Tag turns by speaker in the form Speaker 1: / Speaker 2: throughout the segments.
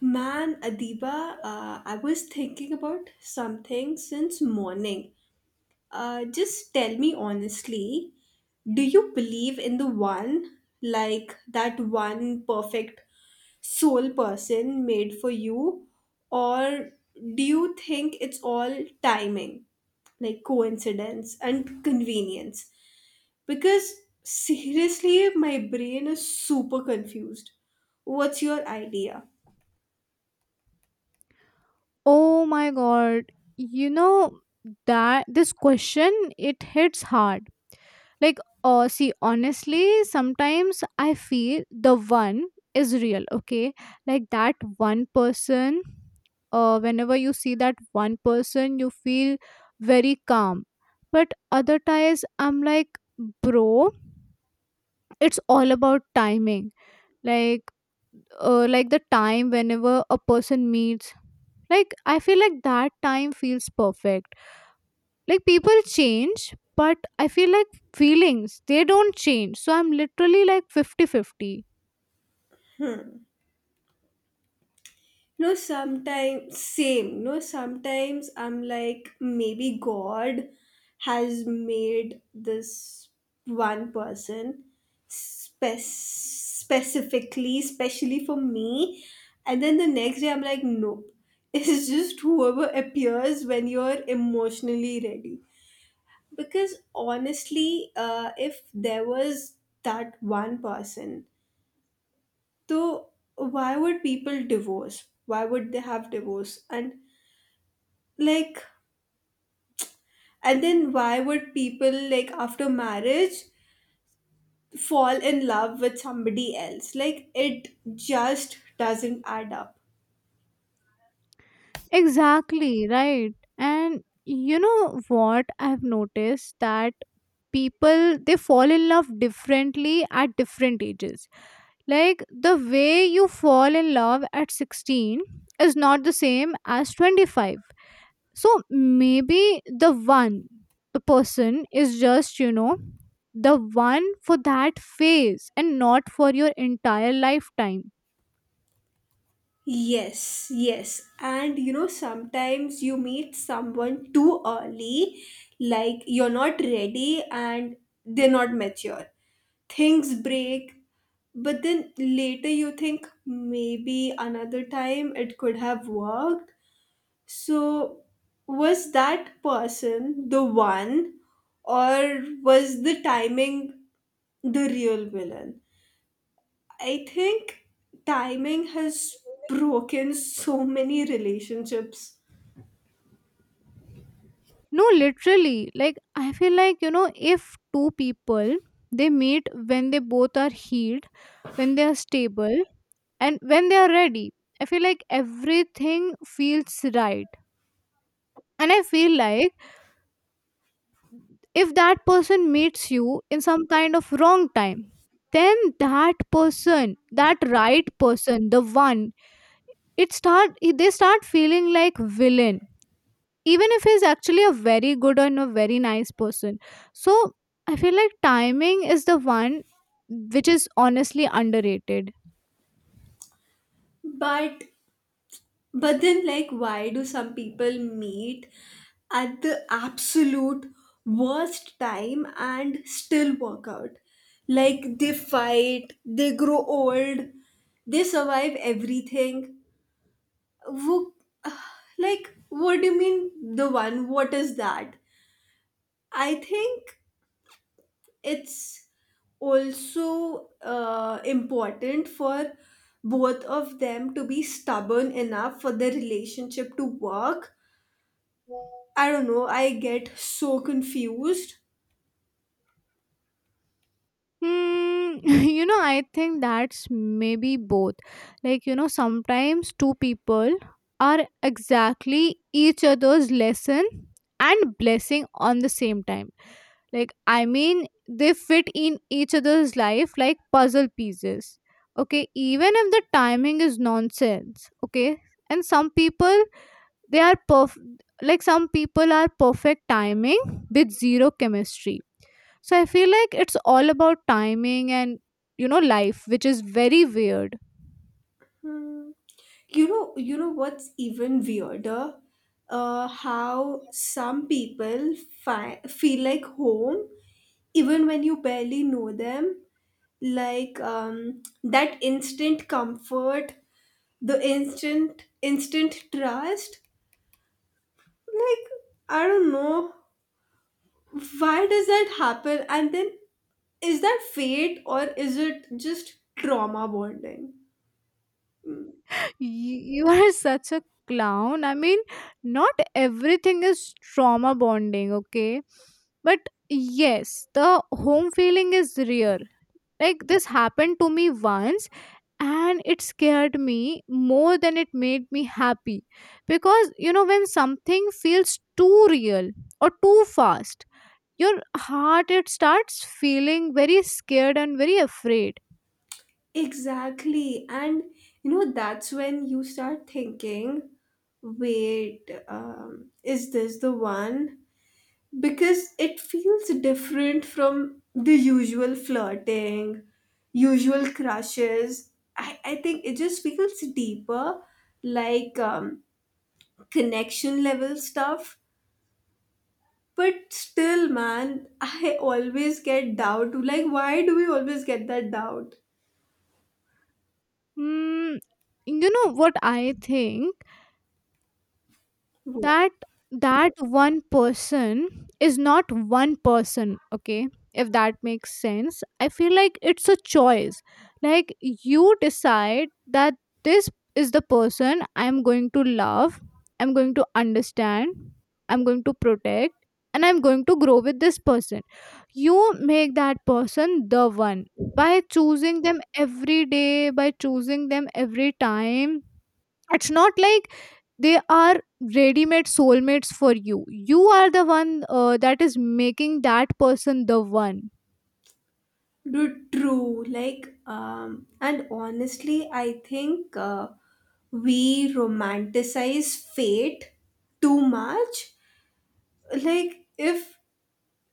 Speaker 1: Man, Adiba, I was thinking about something since morning. Just tell me honestly, do you believe in the one, like that one perfect soul person made for you, or do you think it's all timing, like coincidence and convenience? Because seriously, my brain is super confused. What's your idea?
Speaker 2: Oh my god. You know that this question it hits hard. Like oh see honestly sometimes I feel the one is real, okay? Like that one person whenever you see that one person you feel very calm. But other times I'm like bro, it's all about timing. Like like the time whenever a person meets like I feel like that time feels perfect, like people change but I feel like feelings, they don't change, so I'm literally like fifty-fifty.
Speaker 1: No, sometimes same. No, sometimes I'm like maybe God has made this one person specifically, especially for me, and then the next day I'm like, nope. It's just whoever appears when you're emotionally ready. Because honestly, if there was that one person, so why would people divorce? Why would they have divorce? And like, and then why would people, like, after marriage, fall in love with somebody else? Like, it just doesn't add up.
Speaker 2: Exactly right, and you know what I've noticed, that people they fall in love differently at different ages. Like the way you fall in love at 16 is not the same as 25. So maybe the one, the person is just, you know, the one for that phase and not for your entire lifetime.
Speaker 1: Yes, yes. And you know, sometimes you meet someone too early, like you're not ready and they're not mature. Things break, but then later you think maybe another time it could have worked. So, was that person the one, or was the timing the real villain? I think timing has broken so many relationships.
Speaker 2: No, literally, like I feel like, you know, if two people they meet when they both are healed, when they are stable, and when they are ready, I feel like everything feels right. And I feel like if that person meets you in some kind of wrong time, then that person, that right person, the one, it start they start feeling like villain, even if he's actually a very good and a very nice person. So I feel like timing is the one which is honestly underrated.
Speaker 1: But but then like why do some people meet at the absolute worst time and still work out? Like they fight, they grow old, they survive everything. Wo- like, what do you mean the one? What is that? I think it's also important for both of them to be stubborn enough for the relationship to work. I don't know, I get so confused.
Speaker 2: Hmm. You know, I think that's maybe both. Like, you know, sometimes two people are exactly each other's lesson and blessing on the same time. Like, I mean, they fit in each other's life like puzzle pieces. Okay, even if the timing is nonsense. Okay, and some people they are perf like some people are perfect timing with zero chemistry. So I feel like it's all about timing and, you know, life, which is very weird.
Speaker 1: You know what's even weirder? How some people feel like home even when you barely know them, like that instant comfort, the instant trust. Like I don't know, why does that happen, and then is that fate or is it just trauma bonding?
Speaker 2: You are such a clown. I mean, not everything is trauma bonding, okay? But yes, the home feeling is real. Like this happened to me once and it scared me more than it made me happy, because you know when something feels too real or too fast, your heart, it starts feeling very scared and very afraid.
Speaker 1: Exactly, and you know that's when you start thinking, wait, is this the one? Because it feels different from the usual flirting, usual crushes. I think it just feels deeper, like connection level stuff. But still, man, I always get doubt. Like, why do we always get that doubt?
Speaker 2: mm, you know what I think? That that one person is not one person, okay? If that makes sense. I feel like it's a choice. Like you decide that this is the person I'm going to love, I'm going to understand, I'm going to protect, and I'm going to grow with this person. You make that person the one by choosing them every day, by choosing them every time. It's not like they are ready-made soulmates for you. You are the one that is making that person the one.
Speaker 1: Dude, true. Like, and honestly, I think we romanticize fate too much. Like, if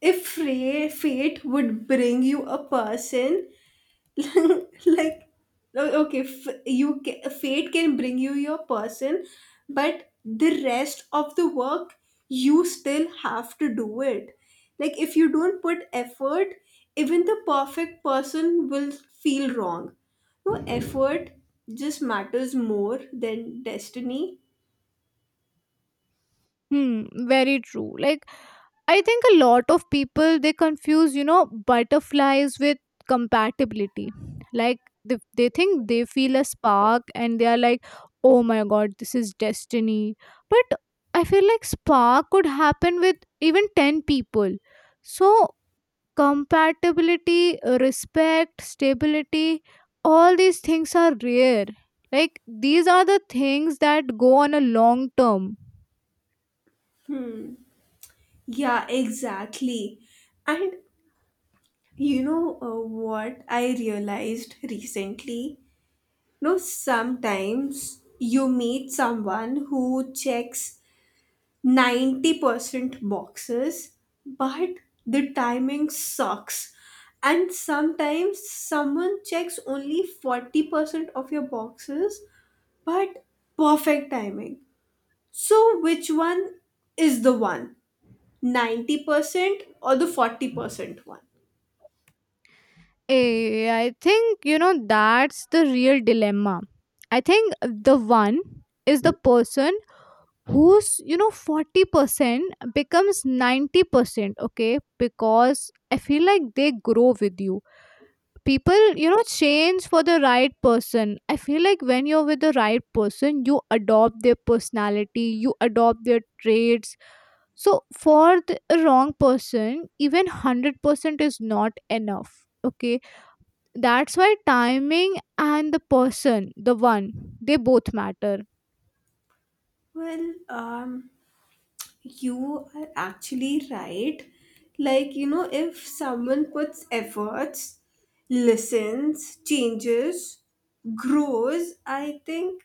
Speaker 1: fate would bring you a person, like okay, fate can bring you your person, but the rest of the work you still have to do it. Like if you don't put effort, even the perfect person will feel wrong. No effort just matters more than destiny.
Speaker 2: Hmm, very true. Like, I think a lot of people they confuse, you know, butterflies with compatibility. Like they think they feel a spark and they are like, oh my god, this is destiny. But I feel like spark could happen with even 10 people. So compatibility, respect, stability, all these things are rare. Like these are the things that go on a long term.
Speaker 1: Yeah, exactly. And you know, what I realized recently? No, sometimes you meet someone who checks 90% boxes, but the timing sucks. And sometimes someone checks only 40% of your boxes, but perfect timing. So, which one is the one? 90% or the 40% one?
Speaker 2: Eh, I think you know that's the real dilemma. I think the one is the person who's, you know, 40% becomes 90%, okay, because I feel like they grow with you. People, you know, change for the right person. I feel like when you're with the right person, you adopt their personality, you adopt their traits. So for the wrong person, even 100% is not enough, okay? That's why timing and the person, the one, they both matter.
Speaker 1: Well, you are actually right. Like, you know, if someone puts efforts, listens, changes, grows, I think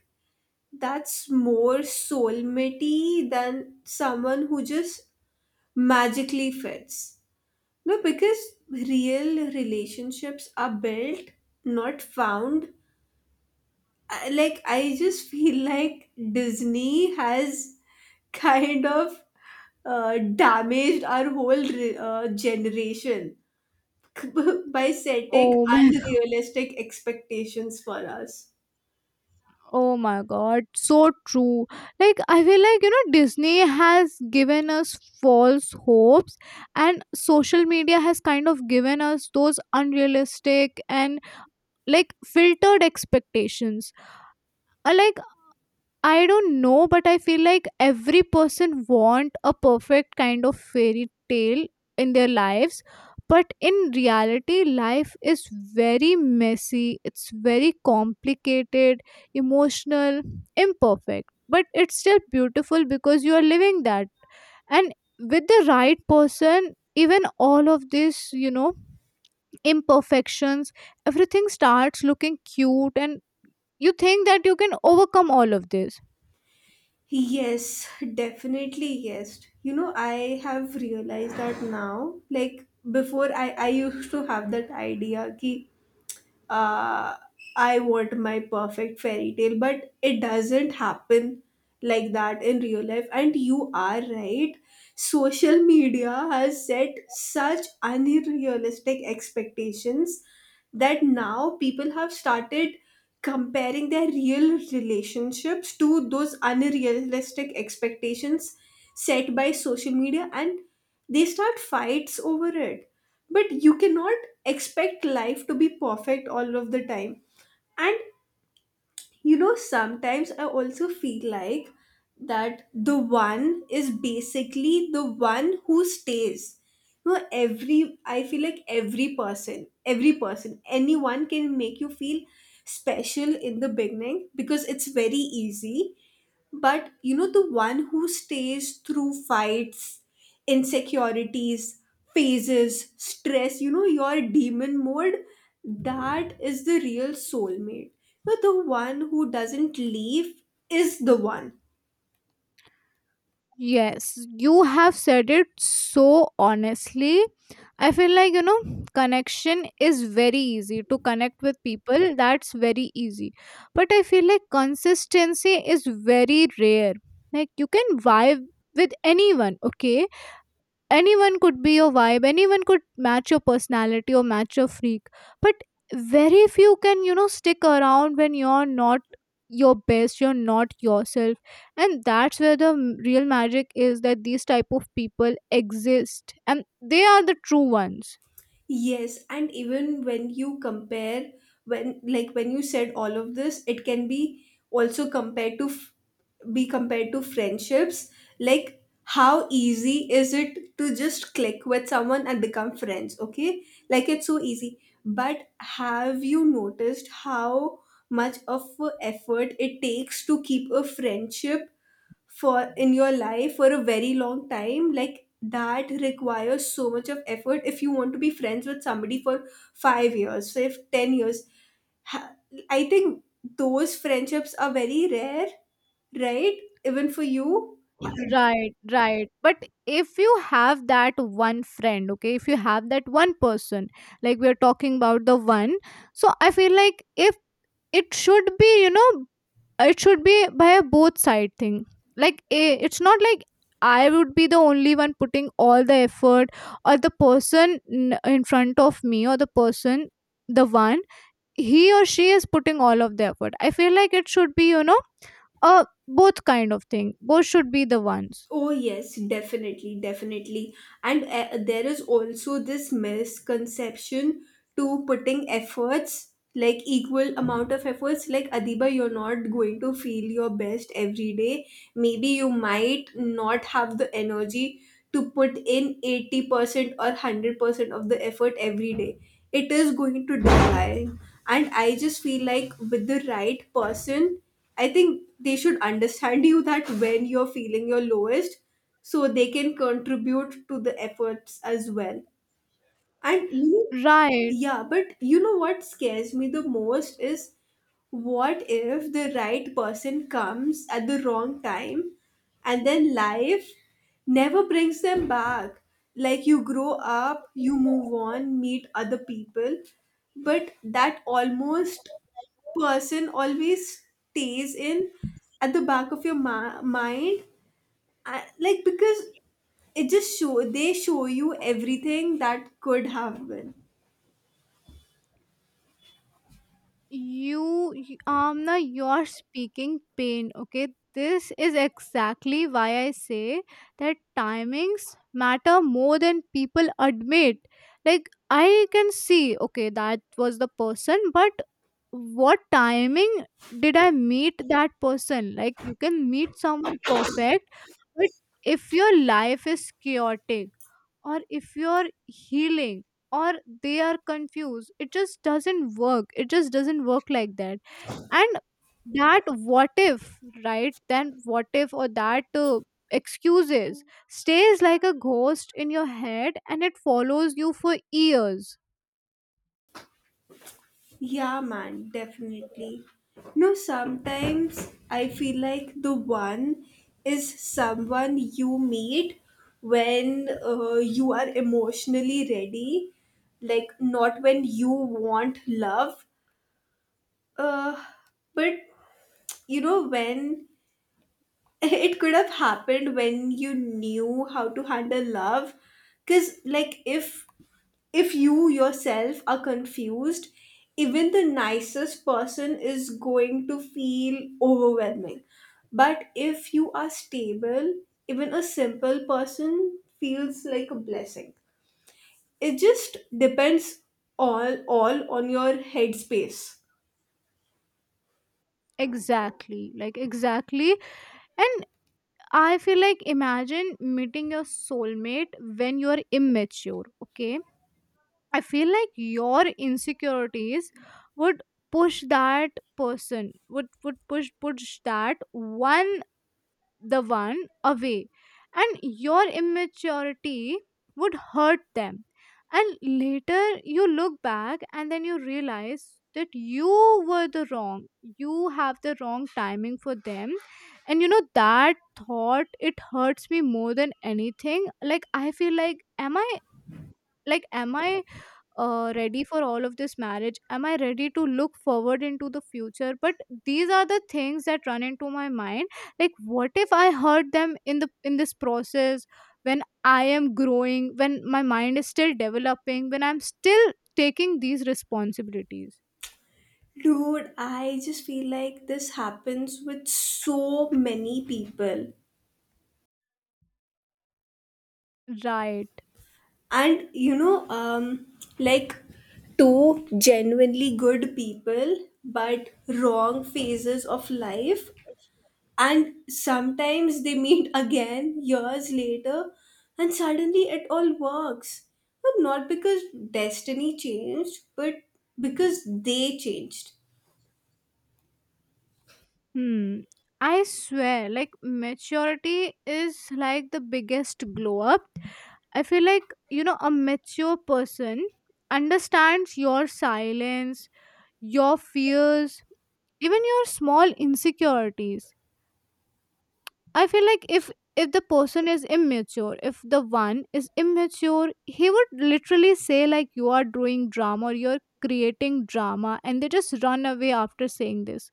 Speaker 1: that's more soulmatey than someone who just magically fits. No, because real relationships are built, not found. Like, I just feel like Disney has kind of damaged our whole generation by setting
Speaker 2: oh my
Speaker 1: unrealistic expectations for us.
Speaker 2: Oh my god, so true. Like, I feel like, you know, Disney has given us false hopes, and social media has kind of given us those unrealistic and like filtered expectations. Like, I don't know, but I feel like every person want a perfect kind of fairy tale in their lives. But in reality, life is very messy. It's very complicated, emotional, imperfect. But it's still beautiful because you are living that. And with the right person, even all of this, you know, imperfections, everything starts looking cute, and you think that you can overcome all of this.
Speaker 1: Yes, definitely, yes. You know, I have realized that now. Like before I used to have that idea ki, uh, I want my perfect fairy tale, but it doesn't happen like that in real life. And you are right, social media has set such unrealistic expectations that now people have started comparing their real relationships to those unrealistic expectations set by social media, and they start fights over it. But you cannot expect life to be perfect all of the time. And you know, sometimes I also feel like that the one is basically the one who stays. You know, every I feel like every person, anyone can make you feel special in the beginning because it's very easy. But you know, the one who stays through fights, insecurities, phases, stress, you know, your demon mode, that is the real soulmate. But the one who doesn't leave is the one.
Speaker 2: Yes, you have said it so honestly. I feel like, you know, connection is very easy, to connect with people. That's very easy. But I feel like consistency is very rare. Like, you can vibe with anyone, okay? Anyone could be your vibe, anyone could match your personality or match your freak, but very few can, you know, stick around when you're not your best, you're not yourself. And that's where the real magic is, that these type of people exist and they are the true ones.
Speaker 1: Yes, and even when you compare, when like when you said all of this, it can be also compared to be compared to friendships. Like, how easy is it to just click with someone and become friends? Okay, like it's so easy. But have you noticed how much of a effort it takes to keep a friendship for in your life for a very long time? Like that requires so much of effort. If you want to be friends with somebody for 5 years, so if 10 years, ha- I think those friendships are very rare, right? Even for you.
Speaker 2: Right, right. But if you have that one friend, okay, if you have that one person, like we are talking about the one, so I feel like if it should be, you know, it should be by a both side thing. Like it's not like I would be the only one putting all the effort, or the person in front of me, or the person, the one, he or she is putting all of the effort. I feel like it should be, you know, both kind of thing. Both should be the ones.
Speaker 1: Oh, yes, definitely, definitely. And there is also this misconception to putting efforts, like equal amount of efforts. Like, Adiba, you're not going to feel your best every day. Maybe you might not have the energy to put in 80% or 100% of the effort every day. It is going to decline, and I just feel like with the right person, I think they should understand you that when you're feeling your lowest, so they can contribute to the efforts as well. And even,
Speaker 2: Right.
Speaker 1: yeah, but you know what scares me the most is what if the right person comes at the wrong time and then life never brings them back? Like you grow up, you move on, meet other people, but that almost person always stays in at the back of your mind. I, like, because it just show they show you everything that could have been.
Speaker 2: Amna, you're speaking pain, okay? This is exactly why I say that timings matter more than people admit. Like I can see, okay, that was the person, but what timing did I meet that person? Like you can meet someone perfect, but if your life is chaotic, or if you're healing, or they are confused, it just doesn't work. It just doesn't work like that. And that what if, right? Then what if, or that excuses, stays like a ghost in your head and it follows you for years.
Speaker 1: Yeah, man, definitely. No, sometimes I feel like the one is someone you meet when you are emotionally ready, like not when you want love, uh, but you know, when it could have happened when you knew how to handle love. Because like if you yourself are confused, even the nicest person is going to feel overwhelming. But if you are stable, even a simple person feels like a blessing. It just depends all on your headspace.
Speaker 2: Exactly. And I feel like imagine meeting your soulmate when you're immature, okay? I feel like your insecurities would push that person, would push that one the one away, and your immaturity would hurt them. And later you look back and then you realize that you were the wrong you have the wrong timing for them. And you know that thought, it hurts me more than anything. Like I feel like, am I, like am I ready for all of this marriage? Am I ready to look forward into the future? But these are the things that run into my mind. Like what if I hurt them in the in this process, when I am growing, when my mind is still developing, when I'm still taking these responsibilities.
Speaker 1: Dude, I just feel like this happens with so many people.
Speaker 2: Right.
Speaker 1: And you know, like two genuinely good people but wrong phases of life, and sometimes they meet again years later and suddenly it all works, but not because destiny changed, but because they changed.
Speaker 2: Hmm. I swear, like maturity is like the biggest glow up. I feel like, you know, a mature person understands your silence, your fears, even your small insecurities. I feel like if the person is immature, if the one is immature, he would literally say like you are doing drama or you're creating drama, and they just run away after saying this.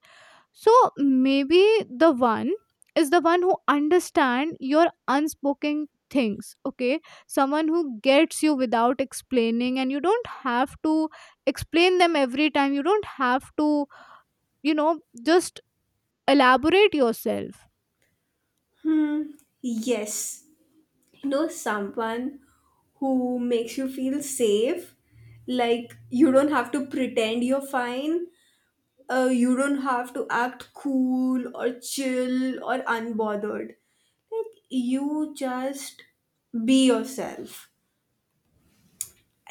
Speaker 2: So maybe the one is the one who understand your unspoken things, okay? Someone who gets you without explaining, and you don't have to explain them every time, you don't have to, you know, just elaborate yourself.
Speaker 1: Hmm, yes, you know, someone who makes you feel safe, like you don't have to pretend you're fine, you don't have to act cool or chill or unbothered. Like, you just be yourself.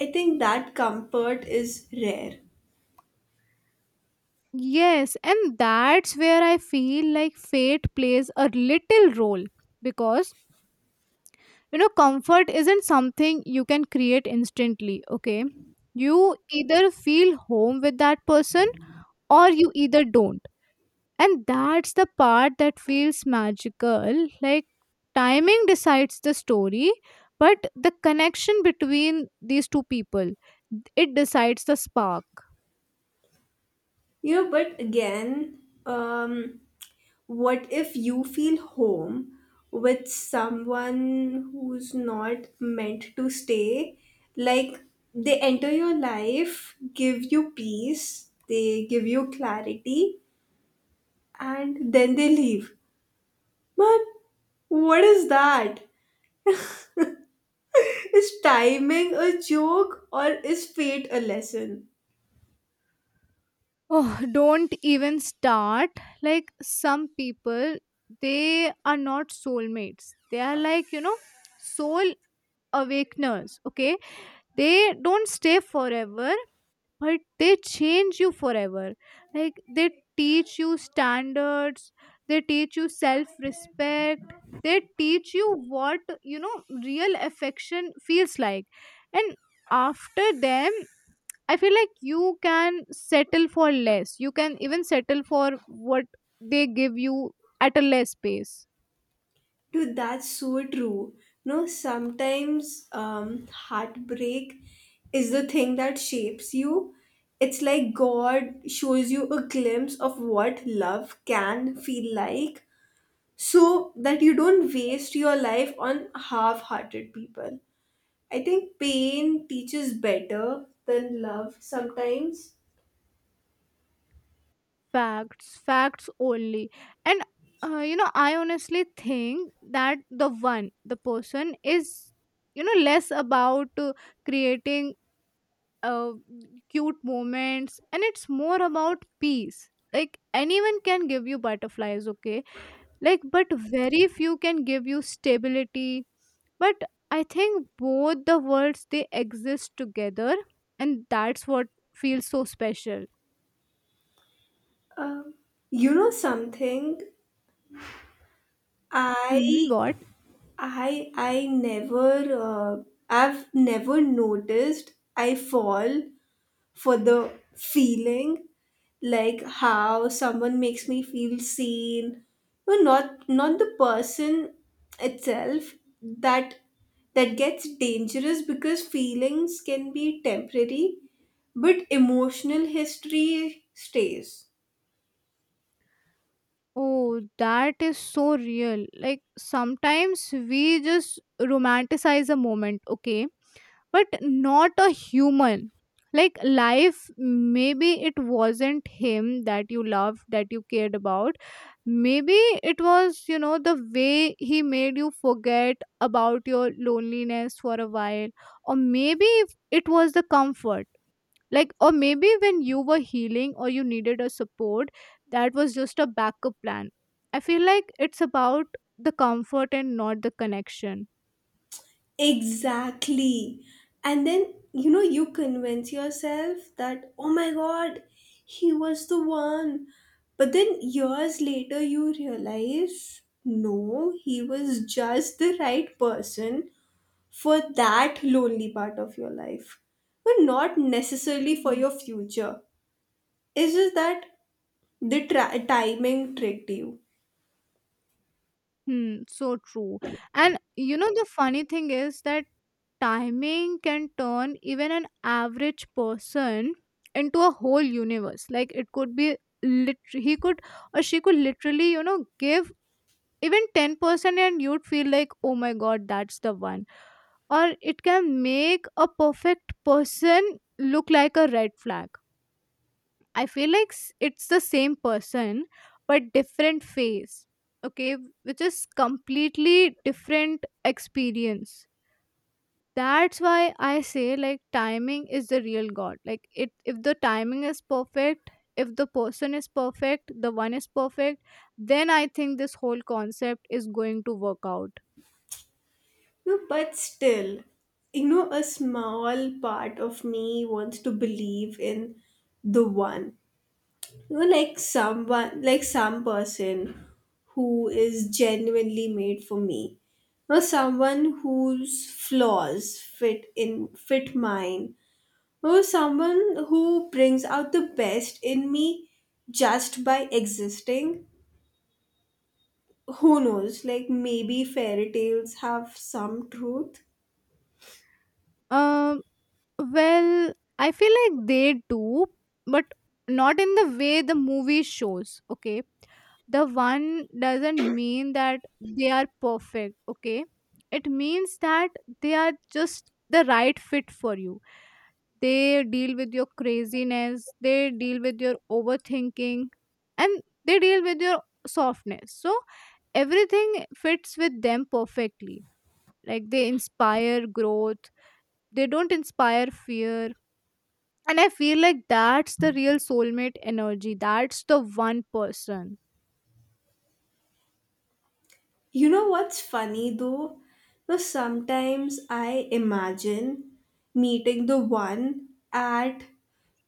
Speaker 1: I think that comfort is rare.
Speaker 2: Yes, and that's where I feel like fate plays a little role, because you know comfort isn't something you can create instantly, okay? You either feel home with that person, or you either don't. And that's the part that feels magical. Like timing decides the story, but the connection between these two people, it decides the spark.
Speaker 1: You know, but again, um, what if you feel home with someone who's not meant to stay? Like, they enter your life, give you peace, they give you clarity, and then they leave. Man, what is that? Is timing a joke or is fate a lesson?
Speaker 2: Oh, don't even start. Like some people, they are not soulmates. They are like, you know, soul awakeners. Okay. They don't stay forever, but they change you forever. Like they teach you standards, they teach you self respect, they teach you what, you know, real affection feels like. And after them, I feel like you can settle for less, you can even settle for what they give you at a less pace.
Speaker 1: Dude, that's so true. No, sometimes heartbreak is the thing that shapes you. It's like God shows you a glimpse of what love can feel like so that you don't waste your life on half hearted people. I think pain teaches better than love sometimes.
Speaker 2: Facts, facts only. And you know, I honestly think that the one, the person, is, you know, less about creating uh, cute moments, and it's more about peace. Like anyone can give you butterflies, okay? Like, but very few can give you stability. But I think both the worlds, they exist together, and that's what feels so special.
Speaker 1: Um, you know something?
Speaker 2: Hmm,
Speaker 1: I
Speaker 2: what?
Speaker 1: I never uh, I've never noticed I fall for the feeling, like how someone makes me feel seen. No, not not the person itself. That that gets dangerous because feelings can be temporary, but emotional history stays.
Speaker 2: Oh, that is so real. Like sometimes we just romanticize a moment, okay? But not a human. Like life, maybe it wasn't him that you loved, that you cared about. Maybe it was, you know, the way he made you forget about your loneliness for a while. Or maybe it was the comfort. Like, or maybe when you were healing or you needed a support, that was just a backup plan. I feel like it's about the comfort and not the connection.
Speaker 1: Exactly. And then, you know, you convince yourself that, oh my god, he was the one. But then years later, you realize, no, he was just the right person for that lonely part of your life. But not necessarily for
Speaker 2: Mm.
Speaker 1: your future. It's just that the timing tricked you.
Speaker 2: Hmm, so true. And the funny thing is that timing can turn even an average person into a whole universe. Like, it could be he could, or she could, literally, give even 10% and you'd feel like, oh my god, that's the one. Or it can make a perfect person look like a red flag. I feel like it's the same person but different phase. Okay, which is completely different experience. That's why I say, like, timing is the real god. Like, it if the timing is perfect, if the person is perfect, the one is perfect, then I think this whole concept is going to work out.
Speaker 1: No, but still, you know, a small part of me wants to believe in the one. You know, like someone, like some person who is genuinely made for me. Or someone whose flaws fit mine. Or someone who brings out the best in me just by existing. Who knows? Like maybe fairy tales have some truth.
Speaker 2: Um Well, I feel like they do, but not in the way the movie shows, okay? The one doesn't mean that they are perfect, okay? It means that they are just the right fit for you. They deal with your craziness, they deal with your overthinking, and they deal with your softness. So everything fits with them perfectly. Like, they inspire growth, they don't inspire fear, and I feel like that's the real soulmate energy. That's the one person.
Speaker 1: You know what's funny though? No, sometimes I imagine meeting the one at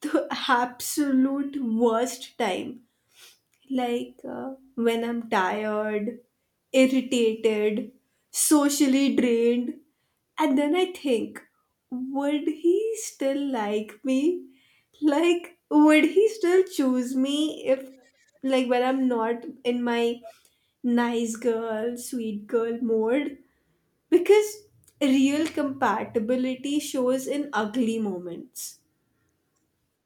Speaker 1: the absolute worst time, like when I'm tired, irritated, socially drained. And then I think, would he still like me? Like, would he still choose me if, like, when I'm not in my nice girl, sweet girl mode? Because real compatibility shows in ugly moments.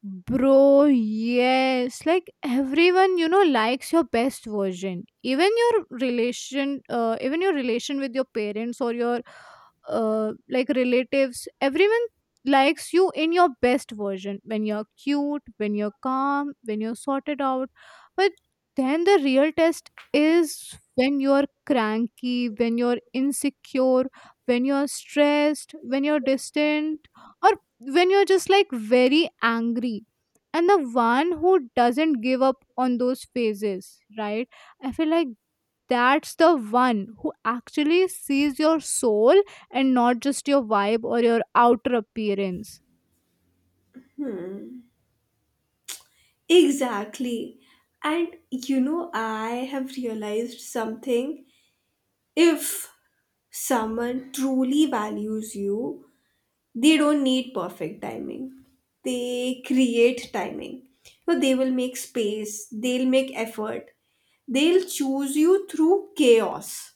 Speaker 2: Bro, yes. Like everyone, likes your best version. Even your relation with your parents or your like relatives, everyone likes you in your best version. When you're cute, when you're calm, when you're sorted out. But then the real test is when you're cranky, when you're insecure, when you're stressed, when you're distant, or when you're just, like, very angry, and the one who doesn't give up on those phases, right? I feel like that's the one who actually sees your soul, and not just your vibe or your outer appearance.
Speaker 1: Exactly. And you know, I have realized something. If someone truly values you, they don't need perfect timing. They create timing. So they will make space, they'll make effort, they'll choose you through chaos.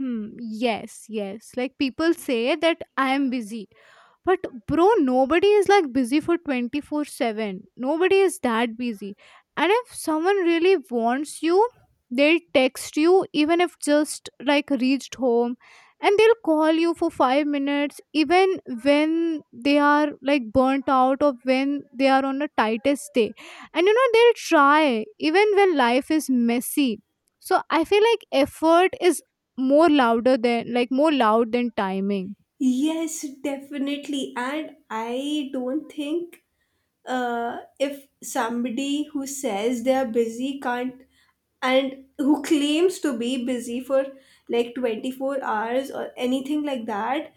Speaker 2: Hmm, yes, yes. Like, people say that I am busy. But bro, nobody is like busy for 24/7. Nobody is that busy. And if someone really wants you, they'll text you even if just like reached home, and they'll call you for 5 minutes even when they are, like, burnt out, or when they are on a tightest day. And they'll try even when life is messy. So I feel like effort is more louder than, like, more loud than timing.
Speaker 1: Yes, definitely. And I don't think if somebody who says they are busy can't, and who claims to be busy for like 24 hours or anything like that,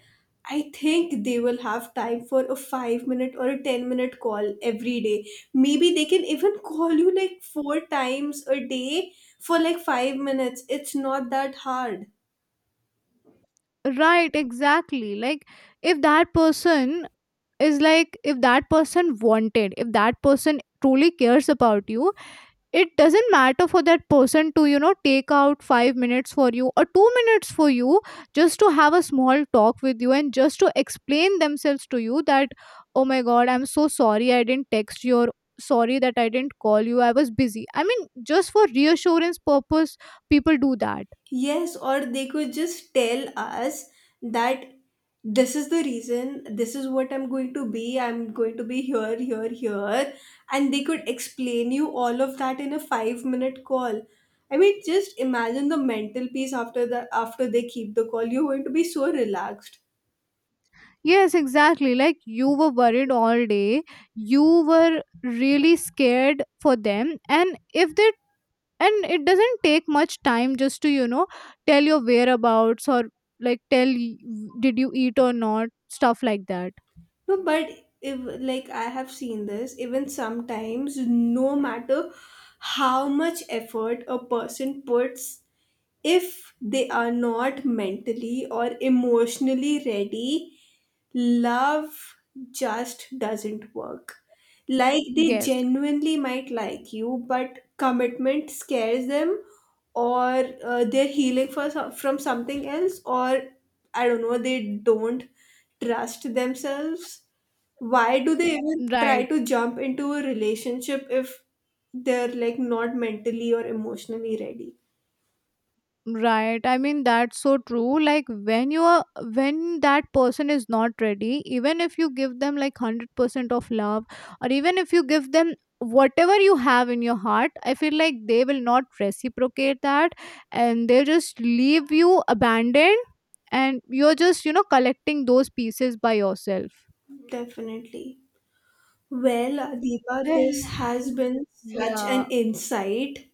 Speaker 1: I think they will have time for a 5 minute or a 10-minute call every day. Maybe they can even call you like four times a day for like 5 minutes. It's not that hard.
Speaker 2: Right, exactly. Like, if that person is like, if that person wanted, if that person truly cares about you, it doesn't matter for that person to, take out 5 minutes for you or 2 minutes for you, just to have a small talk with you and just to explain themselves to you that, oh my god, I'm so sorry, I didn't text you, or sorry that I didn't call you, I was busy. I mean, just for reassurance purpose, people do that.
Speaker 1: Yes, or they could just tell us that this is the reason, this is what I'm going to be, I'm going to be here, here, here. And they could explain you all of that in a 5 minute call. I mean, just imagine the mental peace after the after they keep the call. You're going to be so relaxed.
Speaker 2: Yes, exactly. Like, you were worried all day. You were really scared for them. And if they, and it doesn't take much time just to, tell your whereabouts, or like tell y- did you eat or not, stuff like that.
Speaker 1: No, but if like I have seen this, even sometimes, no matter how much effort a person puts, if they are not mentally or emotionally ready, love just doesn't work. Like they
Speaker 2: Yes,
Speaker 1: genuinely might like you, but commitment scares them, or they're healing for some, from something else, or I don't know, they don't trust themselves. Why do they even try
Speaker 2: right.
Speaker 1: to jump into a relationship if they're like not mentally or emotionally ready?
Speaker 2: Right. I mean, that's so true. Like, when you are, when that person is not ready, even if you give them like 100% of love, or even if you give them whatever you have in your heart, I feel like they will not reciprocate that, and they just leave you abandoned, and you're just, collecting those pieces by yourself.
Speaker 1: Definitely. Well, Deepa, this
Speaker 2: Well,
Speaker 1: has been such
Speaker 2: yeah.
Speaker 1: an insight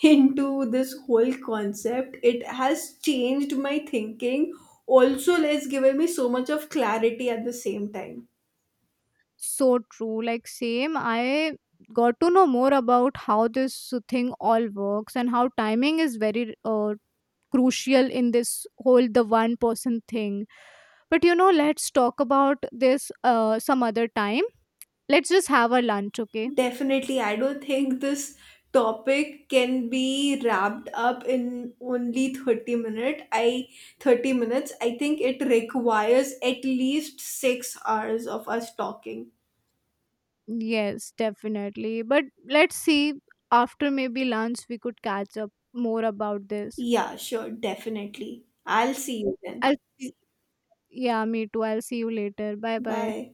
Speaker 1: into this whole concept. It has changed my thinking. Also, it's given me so much of clarity at the same time.
Speaker 2: So true. Like, same, I got to know more about how this thing all works and how timing is very crucial in this whole the one person thing. But, let's talk about this some other time. Let's just have a lunch, okay?
Speaker 1: Definitely, I don't think this topic can be wrapped up in only 30 minute. I 30 minutes. I think it requires at least 6 hours of us talking.
Speaker 2: Yes, definitely. But let's see, after maybe lunch, we could catch up more about this.
Speaker 1: Yeah, sure, definitely. I'll see you then.
Speaker 2: I'll, yeah, me too. I'll see you later. Bye bye.
Speaker 1: Bye.